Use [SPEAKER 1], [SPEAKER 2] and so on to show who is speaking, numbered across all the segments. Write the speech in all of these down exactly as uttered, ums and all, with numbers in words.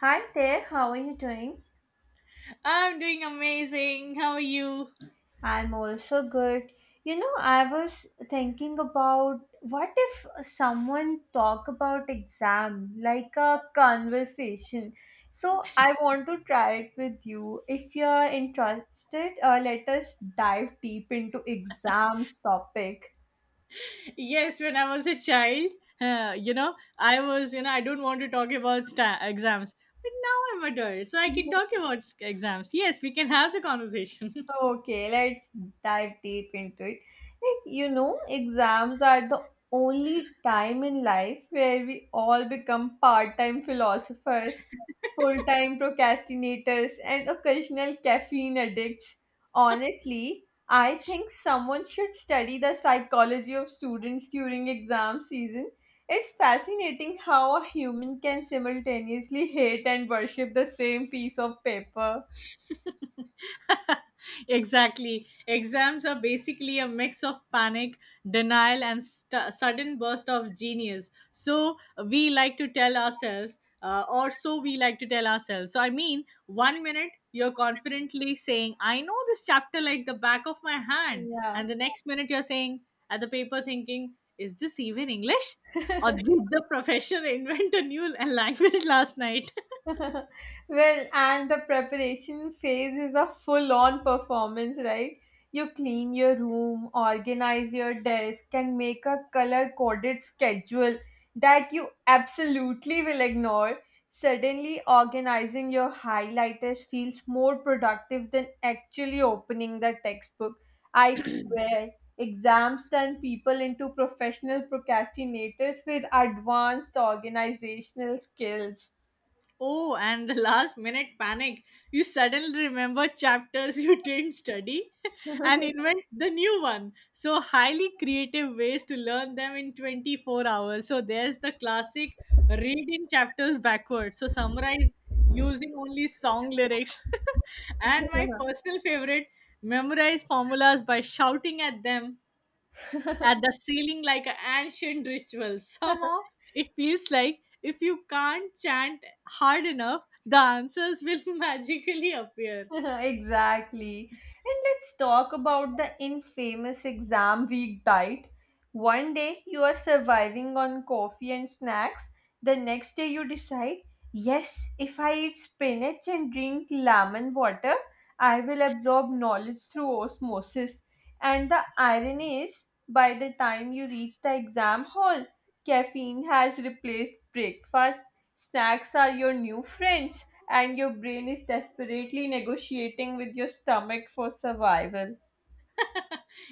[SPEAKER 1] Hi there, how are you doing?
[SPEAKER 2] I'm doing amazing. How are you?
[SPEAKER 1] I'm also good. You know, I was thinking about what if someone talk about exam like a conversation. So I want to try it with you. If you're interested, uh, let us dive deep into exams topic.
[SPEAKER 2] Yes, when I was a child, uh, you know, I was, you know, I don't want to talk about sta- exams. But now I'm adult, so I can talk about s- exams. Yes, we can have the conversation.
[SPEAKER 1] Okay, let's dive deep into it. Like, you know, exams are the only time in life where we all become part time philosophers, full time procrastinators, and occasional caffeine addicts. Honestly, I think someone should study the psychology of students during exam season. It's fascinating how a human can simultaneously hate and worship the same piece of paper.
[SPEAKER 2] Exactly. Exams are basically a mix of panic, denial, and st- sudden burst of genius. So we like to tell ourselves, uh, or so we like to tell ourselves. So, I mean, one minute you're confidently saying, "I know this chapter like the back of my hand."
[SPEAKER 1] Yeah.
[SPEAKER 2] And the next minute you're saying at the paper, thinking, "Is this even English? Or did the professor invent a new language last night?"
[SPEAKER 1] Well, and the preparation phase is a full on performance, right? You clean your room, organize your desk, and make a color coded schedule that you absolutely will ignore. Suddenly, organizing your highlighters feels more productive than actually opening the textbook. I swear, exams turn people into professional procrastinators with advanced organizational skills.
[SPEAKER 2] Oh, and the last minute panic. You suddenly remember chapters you didn't study and invent the new one. So, highly creative ways to learn them in twenty-four hours. So, there's the classic reading chapters backwards. So, summarize using only song lyrics. And my personal favorite, memorize formulas by shouting at them at the ceiling like an ancient ritual. Somehow it feels like if you can't chant hard enough, the answers will magically appear.
[SPEAKER 1] Exactly. And let's talk about the infamous exam week diet. One day you are surviving on coffee and snacks. The next day you decide, yes, if I eat spinach and drink lemon water, I will absorb knowledge through osmosis. And the irony is, by the time you reach the exam hall, caffeine has replaced breakfast. Snacks are your new friends and your brain is desperately negotiating with your stomach for survival.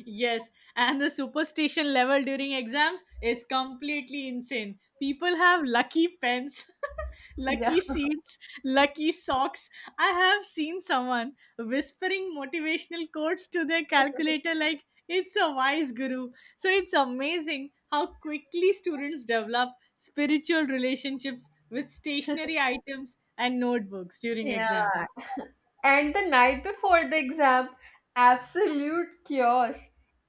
[SPEAKER 2] Yes, and the superstition level during exams is completely insane. People have lucky pens,
[SPEAKER 1] Yeah,
[SPEAKER 2] lucky seats, lucky socks. I have seen someone whispering motivational quotes to their calculator like it's a wise guru. So it's amazing how quickly students develop spiritual relationships with stationary items and notebooks during exams.
[SPEAKER 1] yeah, and the night before the exam, absolute chaos.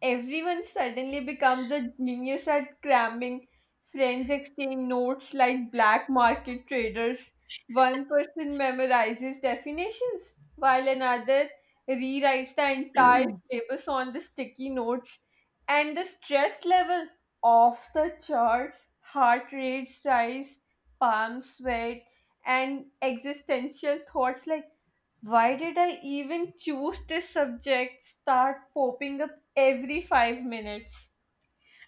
[SPEAKER 1] Everyone suddenly becomes a genius at cramming. Friends exchange notes like black market traders. One person memorizes definitions, while another rewrites the entire syllabus on the sticky notes. And the stress level off the charts, heart rates rise, palms sweat, and existential thoughts like why did I even choose this subject? Start popping up every five minutes.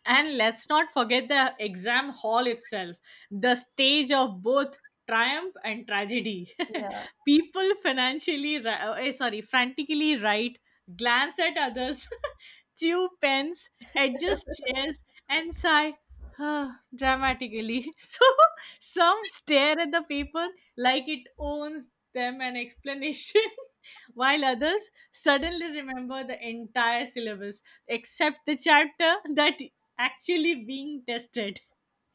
[SPEAKER 2] And let's not forget the exam hall itself, the stage of both triumph and tragedy.
[SPEAKER 1] Yeah.
[SPEAKER 2] People financially, ri- uh, eh, sorry, frantically write, glance at others, chew pens, adjust chairs, and sigh. Huh, dramatically. So some stare at the paper like it owns them an explanation, while others suddenly remember the entire syllabus except the chapter that actually being tested.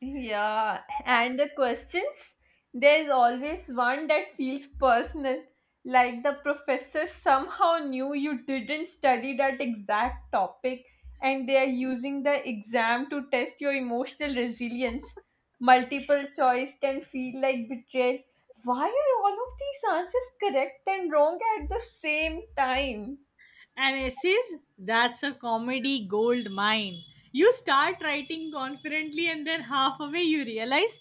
[SPEAKER 1] Yeah. And the questions? There's always one that feels personal, like the professor somehow knew you didn't study that exact topic and they are using the exam to test your emotional resilience. Multiple choice can feel like betrayal. Why are all of these answers correct and wrong at the same time?
[SPEAKER 2] And essays, that's a comedy gold mine. You start writing confidently, and then half away you realize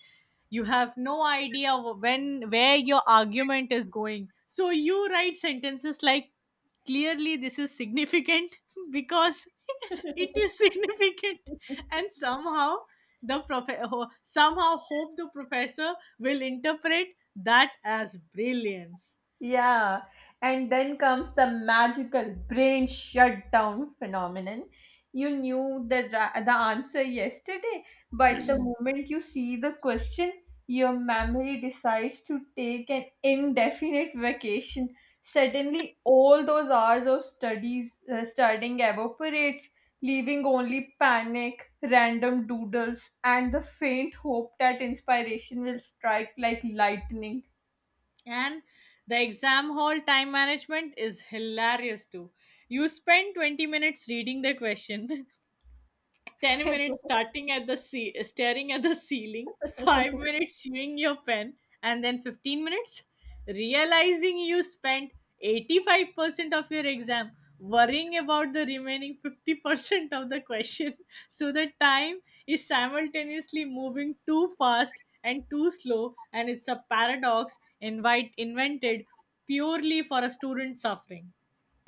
[SPEAKER 2] you have no idea when where your argument is going. So you write sentences like, "Clearly, this is significant because it is significant," and somehow the prof- ho- somehow hope the professor will interpret that as brilliance.
[SPEAKER 1] Yeah, and then comes the magical brain shutdown phenomenon. You knew the ra- the answer yesterday, but the moment you see the question, your memory decides to take an indefinite vacation. Suddenly, all those hours of studies uh, studying evaporates, leaving only panic, random doodles, and the faint hope that inspiration will strike like lightning.
[SPEAKER 2] And the exam hall time management is hilarious too. You spend twenty minutes reading the question, ten minutes starting at the ce- staring at the ceiling, five minutes chewing your pen, and then fifteen minutes realizing you spent eighty-five percent of your exam worrying about the remaining fifty percent of the question. So the time is simultaneously moving too fast and too slow, and it's a paradox invite invented purely for a student suffering.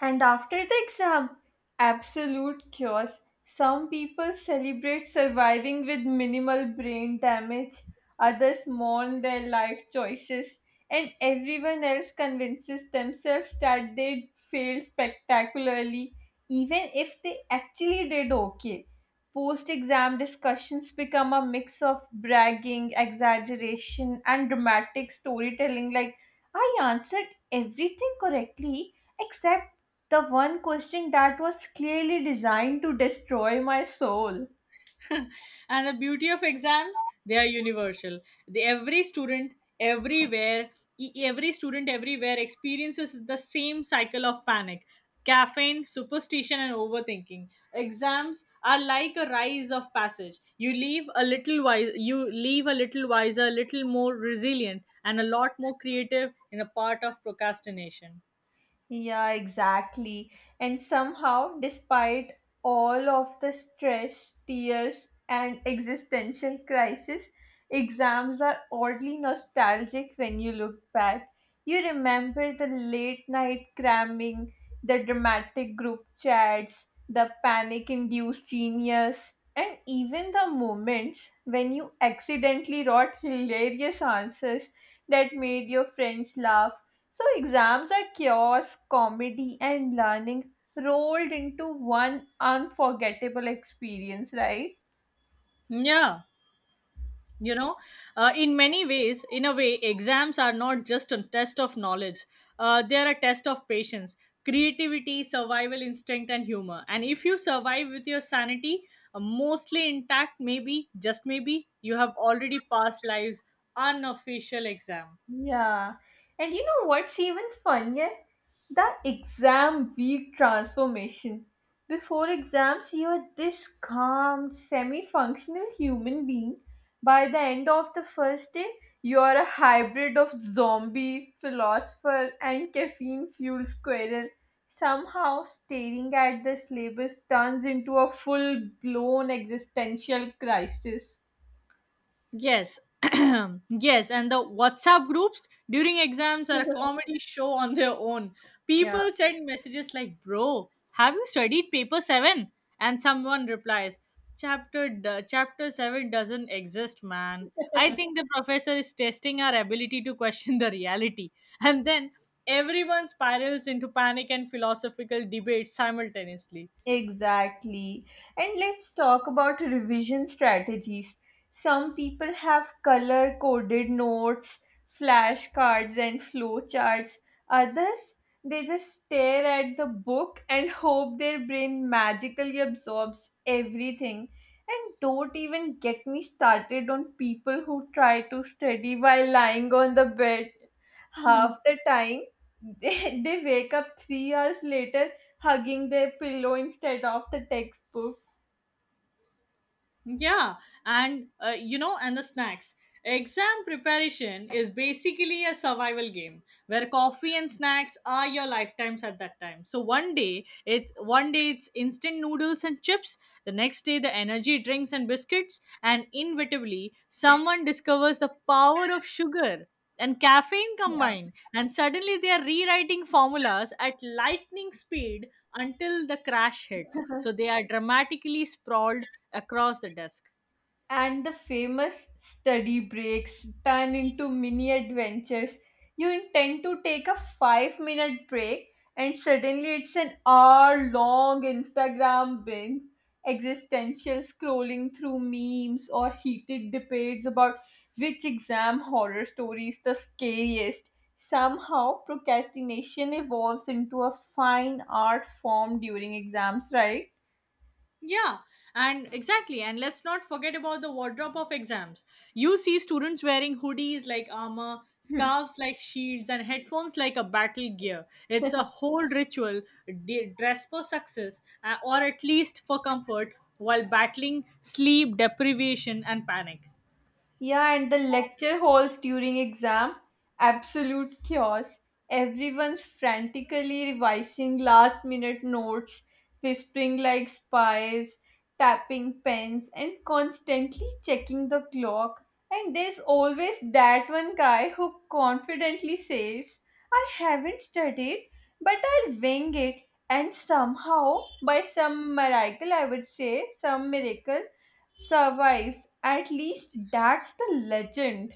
[SPEAKER 1] And after the exam, absolute chaos. Some people celebrate surviving with minimal brain damage, others mourn their life choices, and everyone else convinces themselves that they failed spectacularly, even if they actually did okay. Post exam discussions become a mix of bragging, exaggeration, and dramatic storytelling like, I answered everything correctly except the one question that was clearly designed to destroy my soul.
[SPEAKER 2] And the beauty of exams, they are universal. The every student everywhere e- Every student everywhere experiences the same cycle of panic, caffeine, superstition, and overthinking. Exams are like a rise of passage. You leave a little wise you leave a little wiser, a little more resilient, and a lot more creative in a part of procrastination.
[SPEAKER 1] Yeah, exactly. And somehow, despite all of the stress, tears, and existential crisis, exams are oddly nostalgic when you look back. You remember the late night cramming, the dramatic group chats, the panic induced genius, and even the moments when you accidentally wrote hilarious answers that made your friends laugh. So exams are chaos, comedy, and learning rolled into one unforgettable experience, right?
[SPEAKER 2] Yeah, you know uh, in many ways in a way exams are not just a test of knowledge. Uh, they are a test of patience, creativity, survival instinct, and humor. And if you survive with your sanity, uh, mostly intact, maybe just maybe you have already passed life's unofficial exam.
[SPEAKER 1] Yeah. And you know what's even funnier? The exam week transformation. Before exams, you are this calm, semi functional human being. By the end of the first day, you are a hybrid of zombie, philosopher, and caffeine fueled squirrel. Somehow, staring at the syllabus turns into a full blown existential crisis.
[SPEAKER 2] Yes. Yes, and the WhatsApp groups during exams are a comedy show on their own.
[SPEAKER 1] Yeah.
[SPEAKER 2] People send messages like, "Bro, have you studied paper Seven?" And someone replies, "Chapter d- chapter seven doesn't exist, man." I think the professor is testing our ability to question the reality. And then everyone spirals into panic and philosophical debates simultaneously.
[SPEAKER 1] Exactly. And let's talk about revision strategies. Some people have color coded notes, flashcards, and flowcharts. Others, they just stare at the book and hope their brain magically absorbs everything. And don't even get me started on people who try to study while lying on the bed. Half the time, they, they wake up three hours later hugging their pillow instead of the textbook.
[SPEAKER 2] Yeah, and uh, you know, and the snacks. Exam preparation is basically a survival game where coffee and snacks are your lifetimes at that time. So one day it's one day it's instant noodles and chips, the next day the energy drinks and biscuits, and inevitably someone discovers the power of sugar and caffeine
[SPEAKER 1] Yeah.
[SPEAKER 2] combined, and suddenly they are rewriting formulas at lightning speed until the crash hits, so they are dramatically sprawled across the desk.
[SPEAKER 1] And the famous study breaks turn into mini adventures. You intend to take a five minute break, and suddenly it's an hour long Instagram binge, existential scrolling through memes, or heated debates about which exam horror story is the scariest. Somehow, procrastination evolves into a fine art form during exams, right?
[SPEAKER 2] Yeah, and exactly, and let's not forget about the wardrobe of exams. You see students wearing hoodies like armor, scarves like shields, and headphones like a battle gear. It's a whole ritual. D- dress for success, uh, or at least for comfort while battling sleep deprivation and panic.
[SPEAKER 1] Yeah, and the lecture halls during exam, absolute chaos. Everyone's frantically revising last minute notes, whispering like spies, tapping pens, and constantly checking the clock. And there's always that one guy who confidently says, I haven't studied, but I'll wing it. And somehow, by some miracle, I would say, some miracle, survives. At least that's the legend.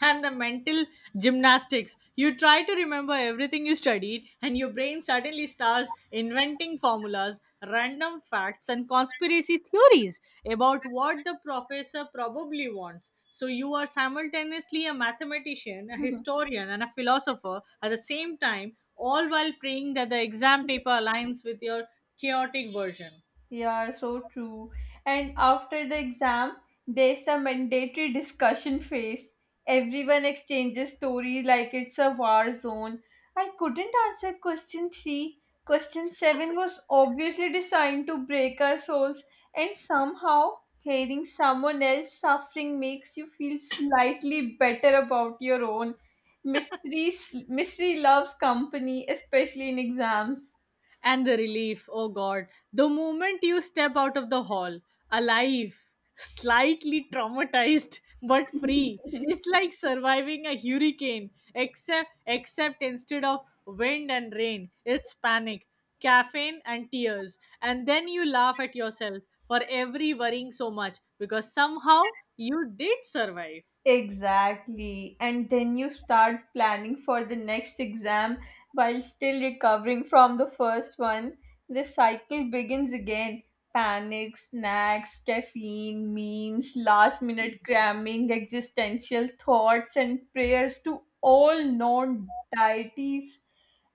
[SPEAKER 2] And the mental gymnastics. You try to remember everything you studied, and your brain suddenly starts inventing formulas, random facts, and conspiracy theories about what the professor probably wants. So, you are simultaneously a mathematician, a historian, and a philosopher at the same time, all while praying that the exam paper aligns with your chaotic version.
[SPEAKER 1] Yeah, so true. And after the exam, there's the mandatory discussion phase. Everyone exchanges story like it's a war zone. I couldn't answer question three. Question seven was obviously designed to break our souls, and somehow hearing someone else suffering makes you feel slightly better about your own. Mystery, mystery loves company, especially in exams.
[SPEAKER 2] And the relief, oh god. The moment you step out of the hall, alive, slightly traumatized, but free. It's like surviving a hurricane, except except instead of wind and rain, it's panic, caffeine, and tears. And then you laugh at yourself for every worrying so much because somehow you did survive.
[SPEAKER 1] Exactly. And then you start planning for the next exam while still recovering from the first one. The cycle begins again. Panic, snacks, caffeine, memes, last minute cramming, existential thoughts, and prayers to all known deities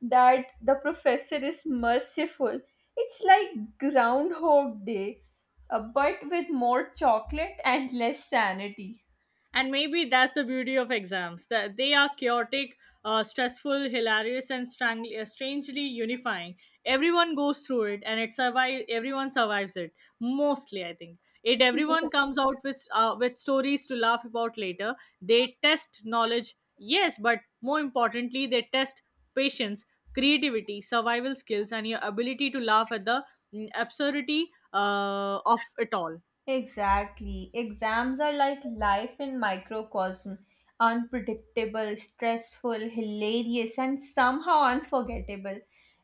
[SPEAKER 1] that the professor is merciful. It's like Groundhog Day, uh, but with more chocolate and less sanity.
[SPEAKER 2] And maybe that's the beauty of exams, that they are chaotic, uh, stressful, hilarious, and strang- uh, strangely unifying. Everyone goes through it, and it survive everyone survives it, mostly, I think. It Everyone comes out with uh, with stories to laugh about later. They test knowledge, yes, but more importantly they test patience, creativity, survival skills, and your ability to laugh at the mm, absurdity uh, of it all.
[SPEAKER 1] Exactly. Exams are like life in microcosm, unpredictable, stressful, hilarious, and somehow unforgettable.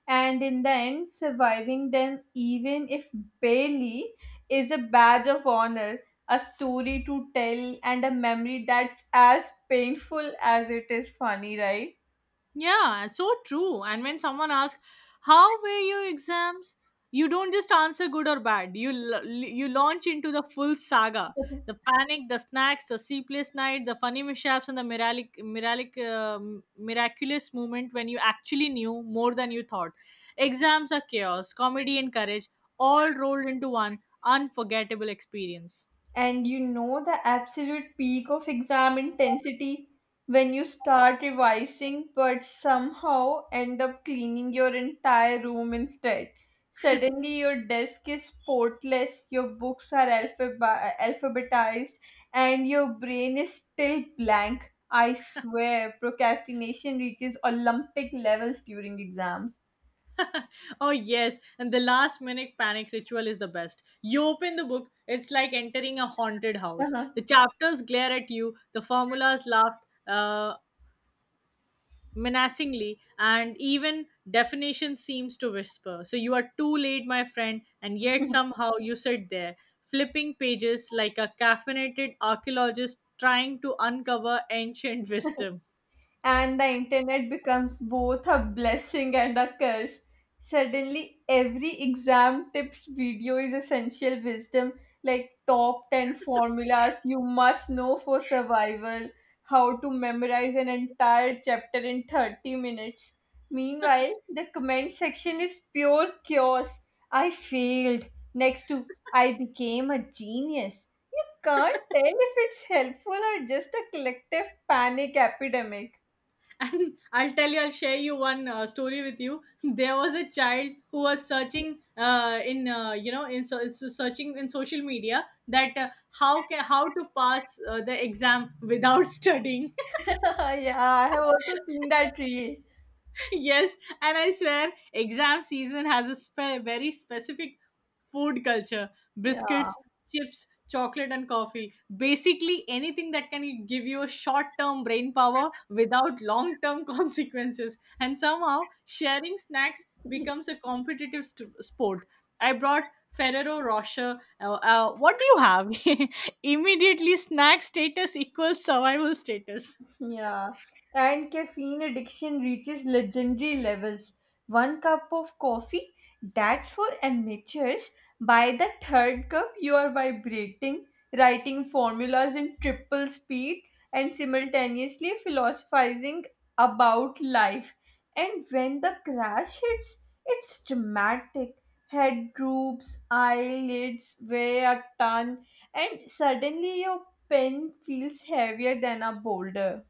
[SPEAKER 1] And in the end, surviving them, even if barely, is a badge of honor, a story to tell, and a memory that's as painful as it is funny, right?
[SPEAKER 2] Yeah, so true. And when someone asks, "How were your exams?" you don't just answer good or bad. You l- you launch into the full saga: the panic, the snacks, the sleepless night, the funny mishaps, and the mirac- mirac- uh, miraculous moment when you actually knew more than you thought. Exams are chaos, comedy, and courage all rolled into one unforgettable experience.
[SPEAKER 1] And you know the absolute peak of exam intensity when you start revising but somehow end up cleaning your entire room instead. Suddenly, your desk is portless, your books are alphab- alphabetized, and your brain is still blank. I swear, procrastination reaches Olympic levels during exams.
[SPEAKER 2] Oh, yes. And the last minute panic ritual is the best. You open the book, it's like entering a haunted house. The chapters glare at you, the formulas laugh uh, menacingly, and even definition seems to whisper. So you are too late, my friend, and yet somehow you sit there, flipping pages like a caffeinated archaeologist trying to uncover ancient wisdom.
[SPEAKER 1] And the internet becomes both a blessing and a curse. Suddenly, every exam tips video is essential wisdom like top ten formulas you must know for survival, how to memorize an entire chapter in thirty minutes. Meanwhile, the comment section is pure chaos. I failed. Next to I became a genius. You can't tell if it's helpful or just a collective panic epidemic.
[SPEAKER 2] And I'll tell you, I'll share you one uh, story with you. There was a child who was searching uh, in, uh, you know, in so, so searching in social media that uh, how can how to pass uh, the exam without studying.
[SPEAKER 1] Yeah, I have also seen that reel.
[SPEAKER 2] Yes, and I swear, exam season has a spe- very specific food culture.
[SPEAKER 1] Yeah.
[SPEAKER 2] Biscuits, chips, chocolate, and coffee. Basically, anything that can give you a short term brain power without long term consequences. And somehow, sharing snacks becomes a competitive st- sport. I brought Ferrero Rocher. Uh, uh, what do you have? Immediately, snack status equals survival status.
[SPEAKER 1] Yeah, and caffeine addiction reaches legendary levels. One cup of coffee, that's for amateurs. By the third cup, you are vibrating, writing formulas in triple speed, and simultaneously philosophizing about life. And when the crash hits, it's dramatic. Head droops, eyelids weigh a ton, and suddenly your pen feels heavier than a boulder.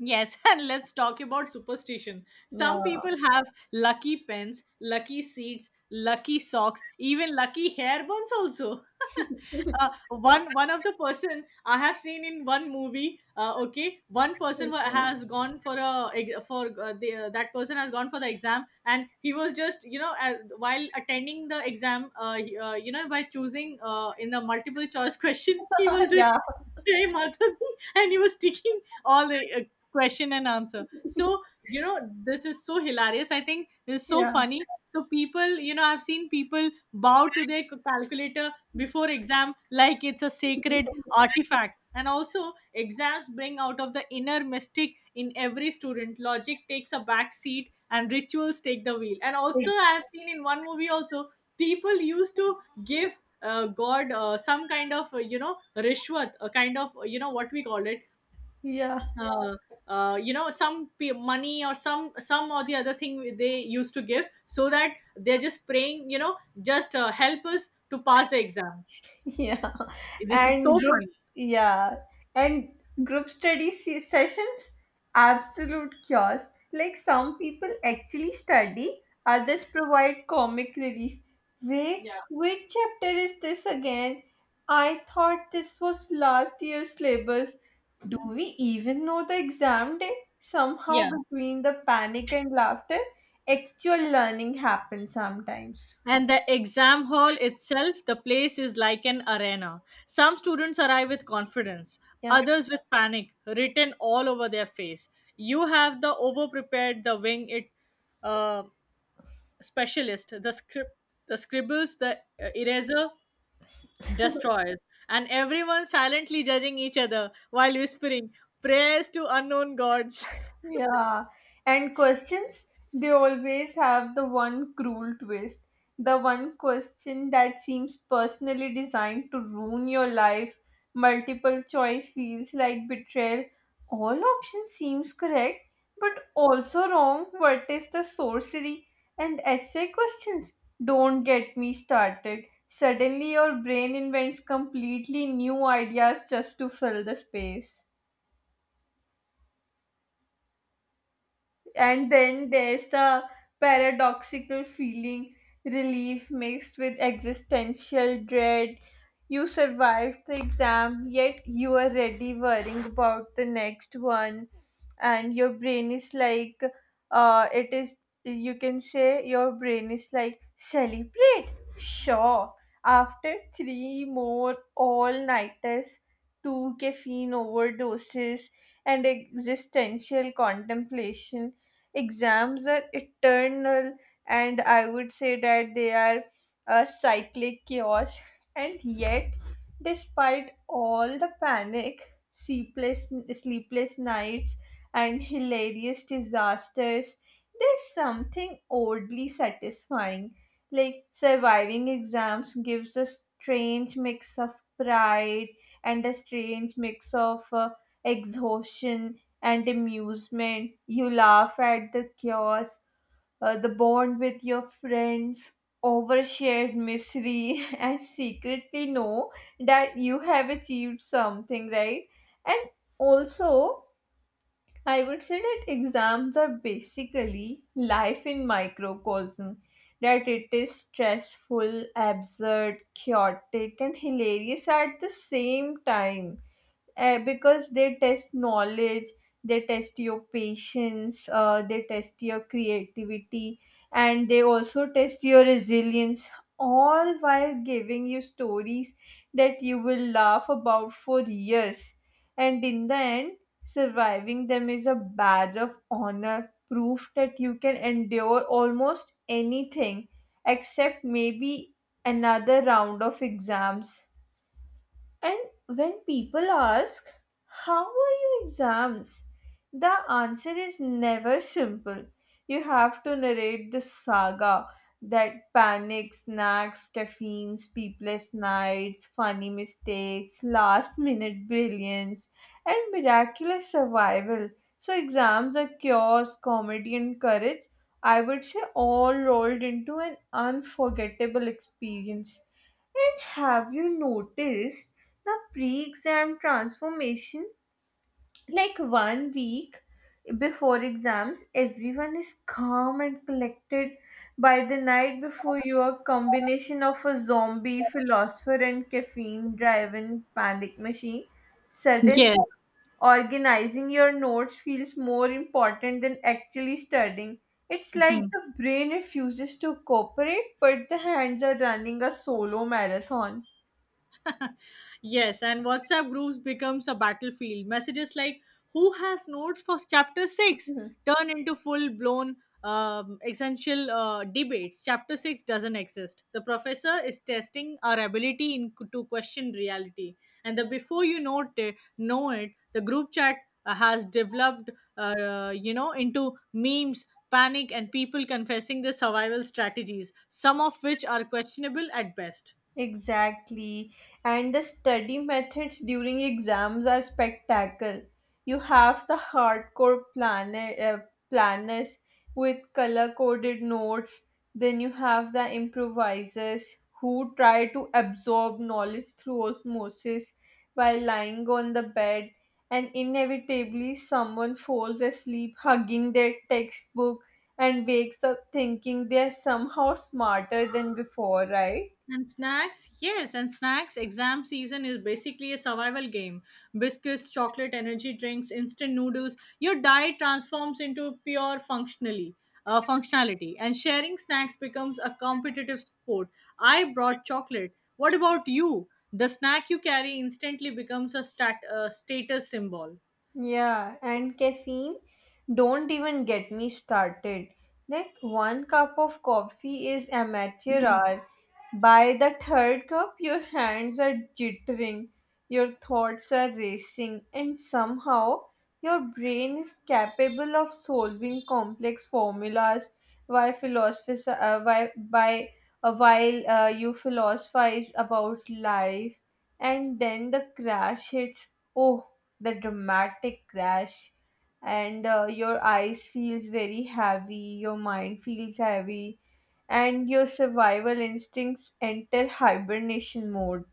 [SPEAKER 2] Yes, and let's talk about superstition. Some
[SPEAKER 1] Yeah.
[SPEAKER 2] people have lucky pens, lucky seats, lucky socks, even lucky hair buns also. uh, one one of the person I have seen in one movie, uh, okay, one person wa-
[SPEAKER 1] Mhm.
[SPEAKER 2] has gone for a ex- for uh, the, uh, that person has gone for the exam, and he was just you know as, while attending the exam, uh, he- uh, you know by choosing uh, in the multiple choice question, he was doing
[SPEAKER 1] Yeah.
[SPEAKER 2] Jai Mata Di, and he was ticking all the uh, question and answer. So, you know, this is so hilarious. I think this is so
[SPEAKER 1] Yeah.
[SPEAKER 2] funny. So, people, you know, I've seen people bow to their calculator before exam like it's a sacred artifact. And also, exams bring out of the inner mystic in every student. Logic takes a back seat and rituals take the wheel. And also, I have seen in one movie also, people used to give uh, God uh, some kind of, uh, you know, rishwat, a kind of, uh, you know, what we call it,
[SPEAKER 1] Yeah.
[SPEAKER 2] uh, uh, you know some p- money, or some some or the other thing they used to give, so that they're just praying, you know just, uh, help us to pass the exam.
[SPEAKER 1] yeah
[SPEAKER 2] This is so
[SPEAKER 1] and group
[SPEAKER 2] funny.
[SPEAKER 1] yeah and group study se- sessions, absolute chaos. Like, some people actually study, others provide comic relief. Wait,
[SPEAKER 2] Yeah,
[SPEAKER 1] which chapter is this again? I thought this was last year's syllabus. Do we even know the exam date? Somehow
[SPEAKER 2] yeah.
[SPEAKER 1] between the panic and laughter, actual learning happens sometimes.
[SPEAKER 2] And the exam hall itself, the place is like an arena. Some students arrive with confidence,
[SPEAKER 1] Yeah.
[SPEAKER 2] others with panic written all over their face. You have the over prepared, the wing it uh, specialist, the script, the scribbles, the uh, eraser destroyers, and everyone silently judging each other while whispering prayers to unknown gods.
[SPEAKER 1] Yeah, and questions, they always have the one cruel twist. The one question that seems personally designed to ruin your life. Multiple choice feels like betrayal. All options seems correct, but also wrong. What is the sorcery? And essay questions, don't get me started. Suddenly your brain invents completely new ideas just to fill the space. And then there's the paradoxical feeling, relief mixed with existential dread. You survived the exam yet you are already worrying about the next one, and your brain is like, uh it is you can say your brain is like celebrate, sure, after three more all nighters, two caffeine overdoses, and existential contemplation. Exams are eternal, and I would say that they are a cyclic chaos. And yet, despite all the panic, sleepless sleepless nights, and hilarious disasters, there's something oddly satisfying. Like surviving exams gives a strange mix of pride and a strange mix of uh, exhaustion and amusement. You laugh at the chaos, uh, the bond with your friends, overshared misery, and secretly know that you have achieved something, right? And also, I would say that exams are basically life in microcosm, that it is stressful, absurd, chaotic, and hilarious at the same time, uh, because they test knowledge, they test your patience, uh, they test your creativity, and they also test your resilience, all while giving you stories that you will laugh about for years. And in the end, surviving them is a badge of honor, proof that you can endure almost anything except maybe another round of exams. And when people ask, how were your exams? The answer is never simple. You have to narrate the saga, that panic, snacks, caffeine, sleepless nights, funny mistakes, last minute brilliance, and miraculous survival. So, exams are chaos, comedy, and courage, I would say, all rolled into an unforgettable experience. And have you noticed the pre exam transformation, like one week before exams, everyone is calm and collected. By the night before, you are combination of a zombie, philosopher, and caffeine driven panic machine. Sudden
[SPEAKER 2] Yes.
[SPEAKER 1] organizing your notes feels more important than actually studying. It's like the brain refuses to cooperate, but the hands are running a solo marathon.
[SPEAKER 2] Yes, and WhatsApp groups becomes a battlefield. Messages like "Who has notes for chapter six?" turn into full-blown um, essential uh, debates. Chapter six doesn't exist. The professor is testing our ability in, to question reality. And the before you know it, know it the group chat uh, has developed, uh, you know, into memes, panic, and people confessing their survival strategies, some of which are questionable at best.
[SPEAKER 1] Exactly. And the study methods during exams are spectacle. You have the hardcore planner, uh, planners with color coded notes. Then you have the improvisers who try to absorb knowledge through osmosis while lying on the bed. And inevitably, someone falls asleep hugging their textbook and wakes up thinking they're somehow smarter than before, right?
[SPEAKER 2] And snacks, yes, and snacks. Exam season is basically a survival game. Biscuits, chocolate, energy drinks, instant noodles. Your diet transforms into pure functionally uh, functionality, and sharing snacks becomes a competitive sport. I brought chocolate. What about you? The snack you carry instantly becomes a stat, uh, status symbol.
[SPEAKER 1] Yeah, and caffeine, don't even get me started. Like one cup of coffee is amateur hour. By the third cup, your hands are jittering, your thoughts are racing, and somehow your brain is capable of solving complex formulas while philosophiz- uh, why, by, uh, while uh, you philosophize about life. And then the crash hits. Oh, the dramatic crash, and uh, your eyes feels very heavy, your mind feels heavy, and your survival instincts enter hibernation mode.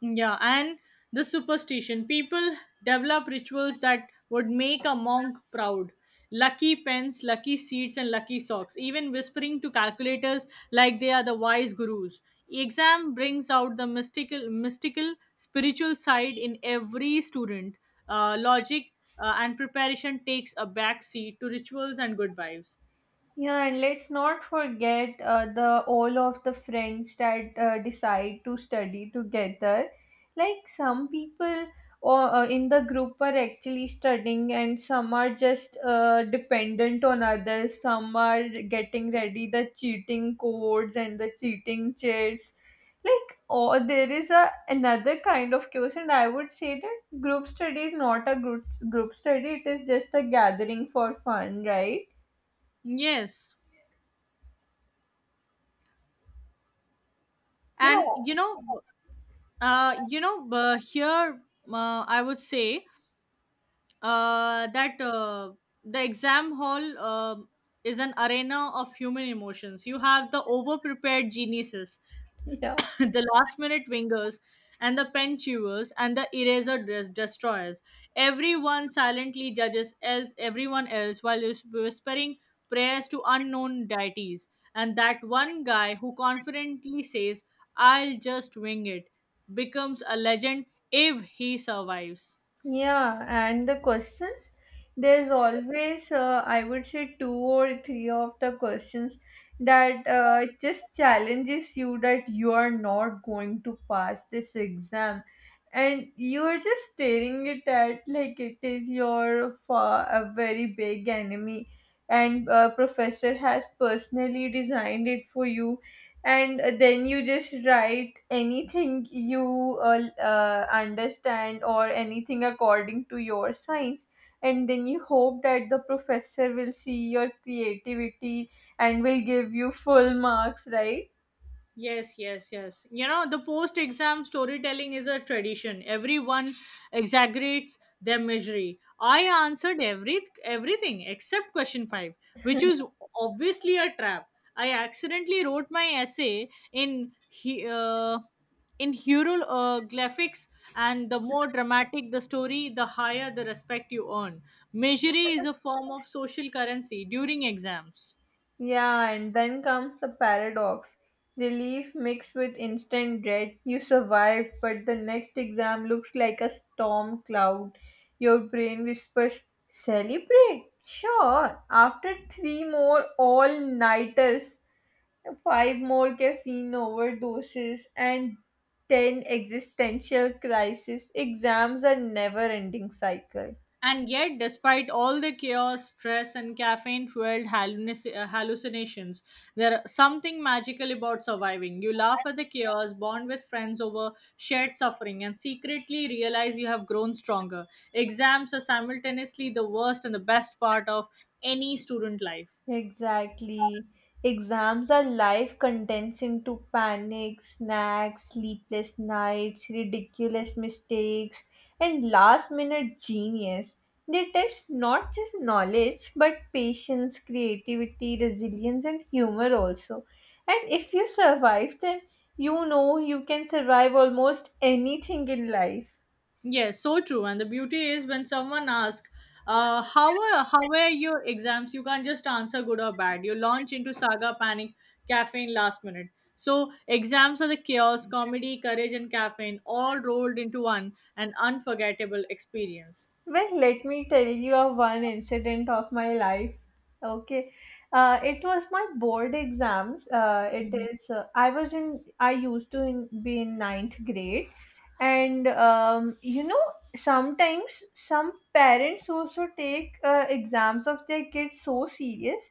[SPEAKER 2] Yeah, and the superstition. People develop rituals that would make a monk proud. Lucky pens, lucky seeds, and lucky socks. Even whispering to calculators like they are the wise gurus. Exam brings out the mystical, mystical, spiritual side in every student. Uh, logic uh, and preparation takes a back seat to rituals and good vibes.
[SPEAKER 1] Yeah, and let's not forget uh, the all of the friends that uh, decide to study together. Like some people or uh, in the group are actually studying, and some are just uh, dependent on others. Some are getting ready the cheating codes and the cheating chats. Like, or there is a another kind of course, and I would say that group study is not a group group study. It is just a gathering for fun, right?
[SPEAKER 2] Yes,
[SPEAKER 1] Yeah,
[SPEAKER 2] and you know, uh, you know, uh, here uh, I would say uh, that uh, the exam hall uh, is an arena of human emotions. You have the over-prepared geniuses,
[SPEAKER 1] yeah,
[SPEAKER 2] the last-minute wingers, and the pen chewers and the eraser des- destroyers. Everyone silently judges else everyone else while is whispering prayers to unknown deities. And that one guy who confidently says, "I'll just wing it," becomes a legend if he survives.
[SPEAKER 1] yeah, and the questions, there's always, uh, I would say, two or three of the questions that uh, just challenges you that you are not going to pass this exam, and you are just staring it at like it is your fa- a very big enemy, and uh, professor has personally designed it for you, and then you just write anything you uh, uh, understand or anything according to your science, and then you hope that the professor will see your creativity and will give you full marks, right?
[SPEAKER 2] Yes, yes, yes. You know, the post exam storytelling is a tradition. Everyone exaggerates their misery. I answered every everything except question five, which is obviously a trap. I accidentally wrote my essay in he- uh, in hieroglyphics, and the more dramatic the story, the higher the respect you earn. Misery is a form of social currency during exams.
[SPEAKER 1] Yeah, and then comes the paradox. Relief mixed with instant dread. You survived, but the next exam looks like a storm cloud. Your brain whispers, "Celebrate! Sure! After three more all nighters, five more caffeine overdoses, and ten existential crises, exams are never ending cycle."
[SPEAKER 2] And yet, despite all the chaos, stress, and caffeine fueled hallucinations, there's something magical about surviving. You laugh at the chaos, bond with friends over shared suffering, and secretly realize you have grown stronger. Exams are simultaneously the worst and the best part of any student life.
[SPEAKER 1] Exactly. Exams are life condensed into panic, snacks, sleepless nights, ridiculous mistakes, and last minute genius. They test not just knowledge but patience, creativity, resilience, and humor also. And if you survive them, you know you can survive almost anything in life.
[SPEAKER 2] Yes, so true. And the beauty is when someone asks, uh, how were how were your exams? You can't just answer good or bad. You launch into saga, panic, caffeine, last minute. So exams are the chaos, comedy, courage, and caffeine all rolled into one, an unforgettable experience.
[SPEAKER 1] Well, let me tell you of one incident of my life. Okay, uh, it was my board exams. Uh, it is uh, I was in I used to in, be in ninth grade, and um, you know, sometimes some parents also take uh, exams of their kids so serious,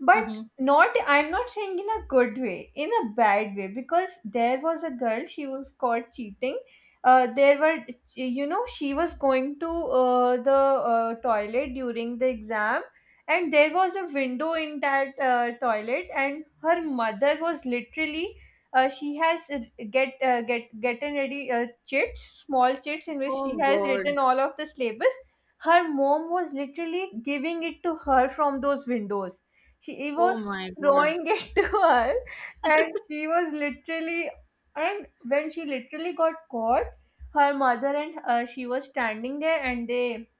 [SPEAKER 1] but
[SPEAKER 2] Mm-hmm.
[SPEAKER 1] not, I'm not saying in a good way, in a bad way, because there was a girl, she was caught cheating. Uh, there were, you know, she was going to uh, the uh, toilet during the exam, and there was a window in that uh, toilet, and her mother was literally, uh, she has uh, get uh, get gotten ready uh, chits, small chits in which she
[SPEAKER 2] Oh
[SPEAKER 1] has
[SPEAKER 2] God.
[SPEAKER 1] written all of the syllabus. Her mom was literally giving it to her from those windows. She he
[SPEAKER 2] Oh
[SPEAKER 1] was
[SPEAKER 2] my God.
[SPEAKER 1] throwing it to her, and she was literally, and when she literally got caught, her mother and uh, she was standing there, and they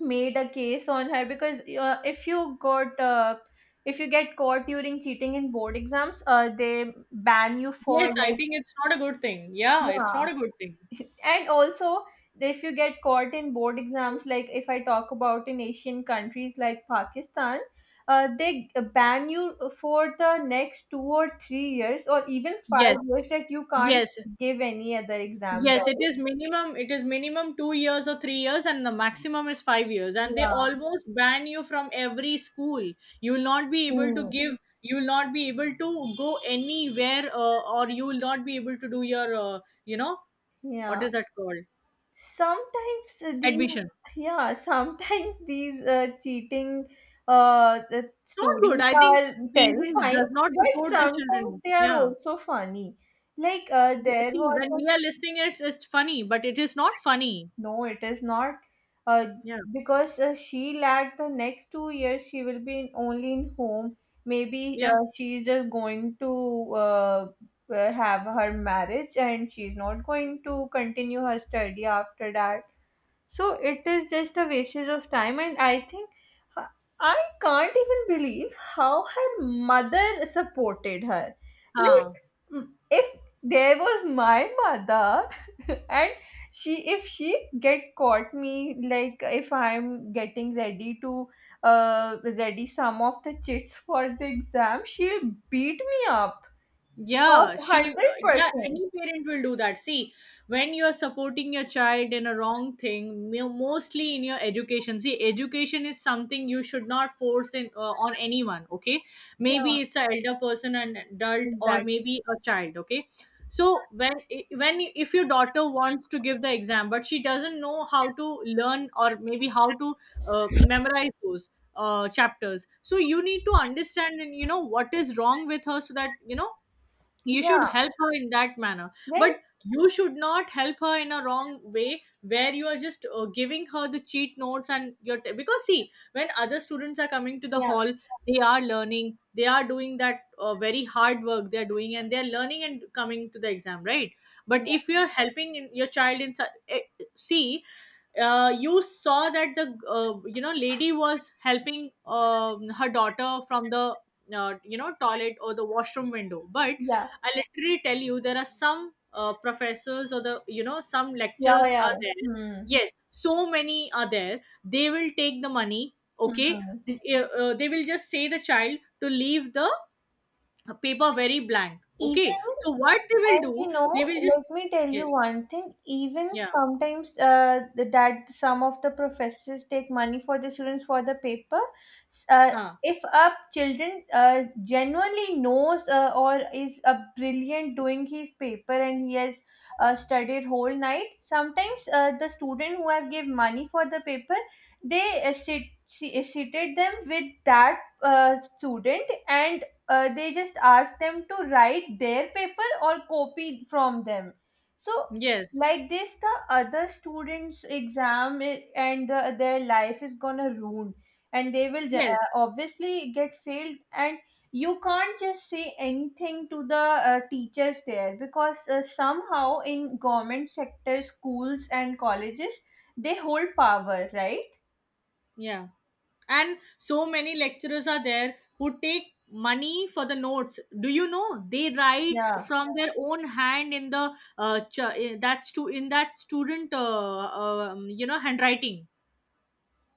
[SPEAKER 1] made a case on her, because uh, if you got uh, if you get caught during cheating in board exams, uh, they ban you for
[SPEAKER 2] Yes, I
[SPEAKER 1] like,
[SPEAKER 2] think it's not a good thing. Yeah, it's
[SPEAKER 1] yeah.
[SPEAKER 2] not a good thing.
[SPEAKER 1] And also, if you get caught in board exams, like if I talk about in asian countries like pakistan, uh, they ban you for the next two or three years, or even five
[SPEAKER 2] Yes.
[SPEAKER 1] years that you can't
[SPEAKER 2] Yes.
[SPEAKER 1] give any other exam,
[SPEAKER 2] Yes, it
[SPEAKER 1] right?
[SPEAKER 2] is minimum. It is minimum two years or three years, and the maximum is five years. And they
[SPEAKER 1] Yeah.
[SPEAKER 2] almost ban you from every school. You will not be able to
[SPEAKER 1] Hmm.
[SPEAKER 2] give. You will not be able to go anywhere, uh, or you will not be able to do your, uh, you know, what
[SPEAKER 1] yeah
[SPEAKER 2] is that called?
[SPEAKER 1] sometimes these
[SPEAKER 2] Admission.
[SPEAKER 1] yeah sometimes these uh, cheating, uh, the
[SPEAKER 2] It's not good.
[SPEAKER 1] stories
[SPEAKER 2] I think
[SPEAKER 1] are
[SPEAKER 2] parents
[SPEAKER 1] terrifying,
[SPEAKER 2] does not
[SPEAKER 1] but
[SPEAKER 2] support their
[SPEAKER 1] sometimes
[SPEAKER 2] children.
[SPEAKER 1] they are
[SPEAKER 2] Yeah.
[SPEAKER 1] also funny. Like, uh,
[SPEAKER 2] Y-
[SPEAKER 1] there
[SPEAKER 2] See,
[SPEAKER 1] was
[SPEAKER 2] when
[SPEAKER 1] a,
[SPEAKER 2] we are listening, it's it's funny, but it is not funny.
[SPEAKER 1] no, it is not. Uh,
[SPEAKER 2] Yeah.
[SPEAKER 1] because uh, she lacked the next two years, she will be in, only in home. Maybe uh,
[SPEAKER 2] Yeah.
[SPEAKER 1] she is just going to uh, uh, have her marriage and she's not going to continue her study after that. So it is just a wastage of time, and I think, uh, I can't even believe how her mother supported her. Like,
[SPEAKER 2] Huh.
[SPEAKER 1] mm, if there was my mother, and she, if she get caught me, like if I'm getting ready to uh ready some of the chits for the exam, she'll beat me up.
[SPEAKER 2] Yeah, she,
[SPEAKER 1] Hundred
[SPEAKER 2] yeah,
[SPEAKER 1] percent.
[SPEAKER 2] any parent will do that. See, when you're supporting your child in a wrong thing, mo- mostly in your education, see, education is something you should not force in, uh, on anyone, okay?
[SPEAKER 1] Yeah,
[SPEAKER 2] Maybe it's an elder person, an adult, or
[SPEAKER 1] exactly.
[SPEAKER 2] maybe a child, okay? So when when if your daughter wants to give the exam, but she doesn't know how to learn or maybe how to uh, memorize those uh, chapters, so you need to understand and you know what is wrong with her, so that you know you should
[SPEAKER 1] Yeah.
[SPEAKER 2] help her in that manner,
[SPEAKER 1] Then
[SPEAKER 2] but you should not help her in a wrong way where you are just uh, giving her the cheat notes. And your t- because see, when other students are coming to the
[SPEAKER 1] yeah,
[SPEAKER 2] hall, they are learning, they are doing that uh, very hard work they are doing, and they are learning and coming to the exam, right? But
[SPEAKER 1] yeah,
[SPEAKER 2] if you are helping in, your child in su- eh, see, uh, you saw that the uh, you know lady was helping um her daughter from the uh, you know toilet or the washroom window, but
[SPEAKER 1] yeah.
[SPEAKER 2] I literally tell you, there are some uh, professors or the you know some
[SPEAKER 1] Yeah,
[SPEAKER 2] lecturers
[SPEAKER 1] yeah.
[SPEAKER 2] are there.
[SPEAKER 1] Hmm.
[SPEAKER 2] Yes, so many are there. They will take the money. Okay,
[SPEAKER 1] Hmm.
[SPEAKER 2] The- uh, uh, they will just say the child to leave the paper very blank.
[SPEAKER 1] Even,
[SPEAKER 2] Okay, so what they will
[SPEAKER 1] and you
[SPEAKER 2] do? They
[SPEAKER 1] know,
[SPEAKER 2] will just
[SPEAKER 1] let me tell you
[SPEAKER 2] yes,
[SPEAKER 1] one thing. Even
[SPEAKER 2] yeah,
[SPEAKER 1] sometimes, uh, the- that some of the professors take money for the students for the paper. S- Uh,
[SPEAKER 2] huh,
[SPEAKER 1] if a children uh, genuinely knows, uh, or is a brilliant doing his paper and he has uh, studied whole night, sometimes uh, the student who have give money for the paper, they uh, sit, si- uh, seated them with that uh, student, and uh, they just ask them to write their paper or copy from them. So
[SPEAKER 2] yes,
[SPEAKER 1] like this, the other students exam, I- and uh, their life is gonna ruin, and they will ju- uh,
[SPEAKER 2] yes,
[SPEAKER 1] obviously get failed, and you can't just say anything to the uh, teachers there, because uh, somehow in government sector schools and colleges, they hold power, right?
[SPEAKER 2] yeah. And so many lecturers are there who take money for the notes. Do you know, they write
[SPEAKER 1] Yeah,
[SPEAKER 2] from their own hand in the uh, ch- in that stu- in that student uh, um, you know handwriting.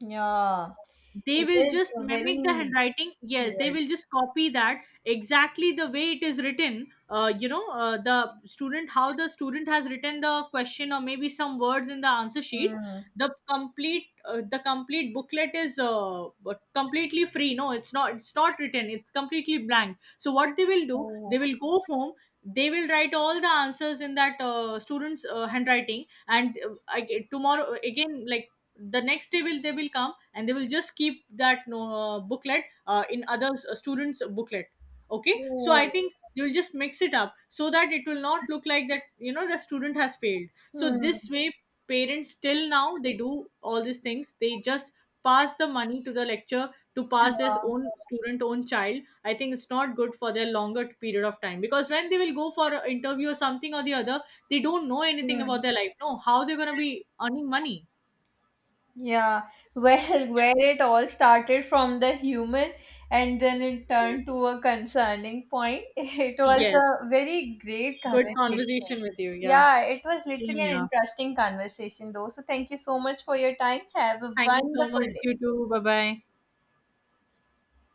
[SPEAKER 1] yeah,
[SPEAKER 2] They
[SPEAKER 1] it
[SPEAKER 2] will
[SPEAKER 1] is
[SPEAKER 2] just mimic
[SPEAKER 1] very
[SPEAKER 2] the handwriting. Yes, they will just copy that exactly the way it is written, uh, you know uh, the student, how the student has written the question or maybe some words in the answer sheet.
[SPEAKER 1] weird.
[SPEAKER 2] The complete uh, the complete booklet is uh, completely free. No, it's not, it's not written, it's completely blank. So what they will do,
[SPEAKER 1] Oh,
[SPEAKER 2] they will go home, they will write all the answers in that uh, student's uh, handwriting, and uh, I, tomorrow again, like the next day, will they will come and they will just keep that no uh, booklet uh, in other s- students booklet. Okay, so
[SPEAKER 1] oh,
[SPEAKER 2] I think they will just mix it up so that it will not look like that, you know, the student has failed. So
[SPEAKER 1] hmm,
[SPEAKER 2] this way, parents till now they do all these things, they just pass the money to the lecture to pass their
[SPEAKER 1] yeah,
[SPEAKER 2] own student, own child. I think it's not good for their longer period of time, because when they will go for an interview or something or the other, they don't know anything
[SPEAKER 1] hmm,
[SPEAKER 2] about their life, no, how they're going to be earning money.
[SPEAKER 1] yeah. Well, where it all started from the human, and then it turned
[SPEAKER 2] Yes.
[SPEAKER 1] to a concerning point, it was
[SPEAKER 2] Yes.
[SPEAKER 1] a very great
[SPEAKER 2] Good
[SPEAKER 1] conversation.
[SPEAKER 2] conversation with you. Yeah.
[SPEAKER 1] Yeah, it was literally
[SPEAKER 2] Same.
[SPEAKER 1] an
[SPEAKER 2] Yeah.
[SPEAKER 1] interesting conversation, though. So, thank you so much for your time. Have a
[SPEAKER 2] Thank you so
[SPEAKER 1] wonderful
[SPEAKER 2] much.
[SPEAKER 1] day.
[SPEAKER 2] You too. Bye bye.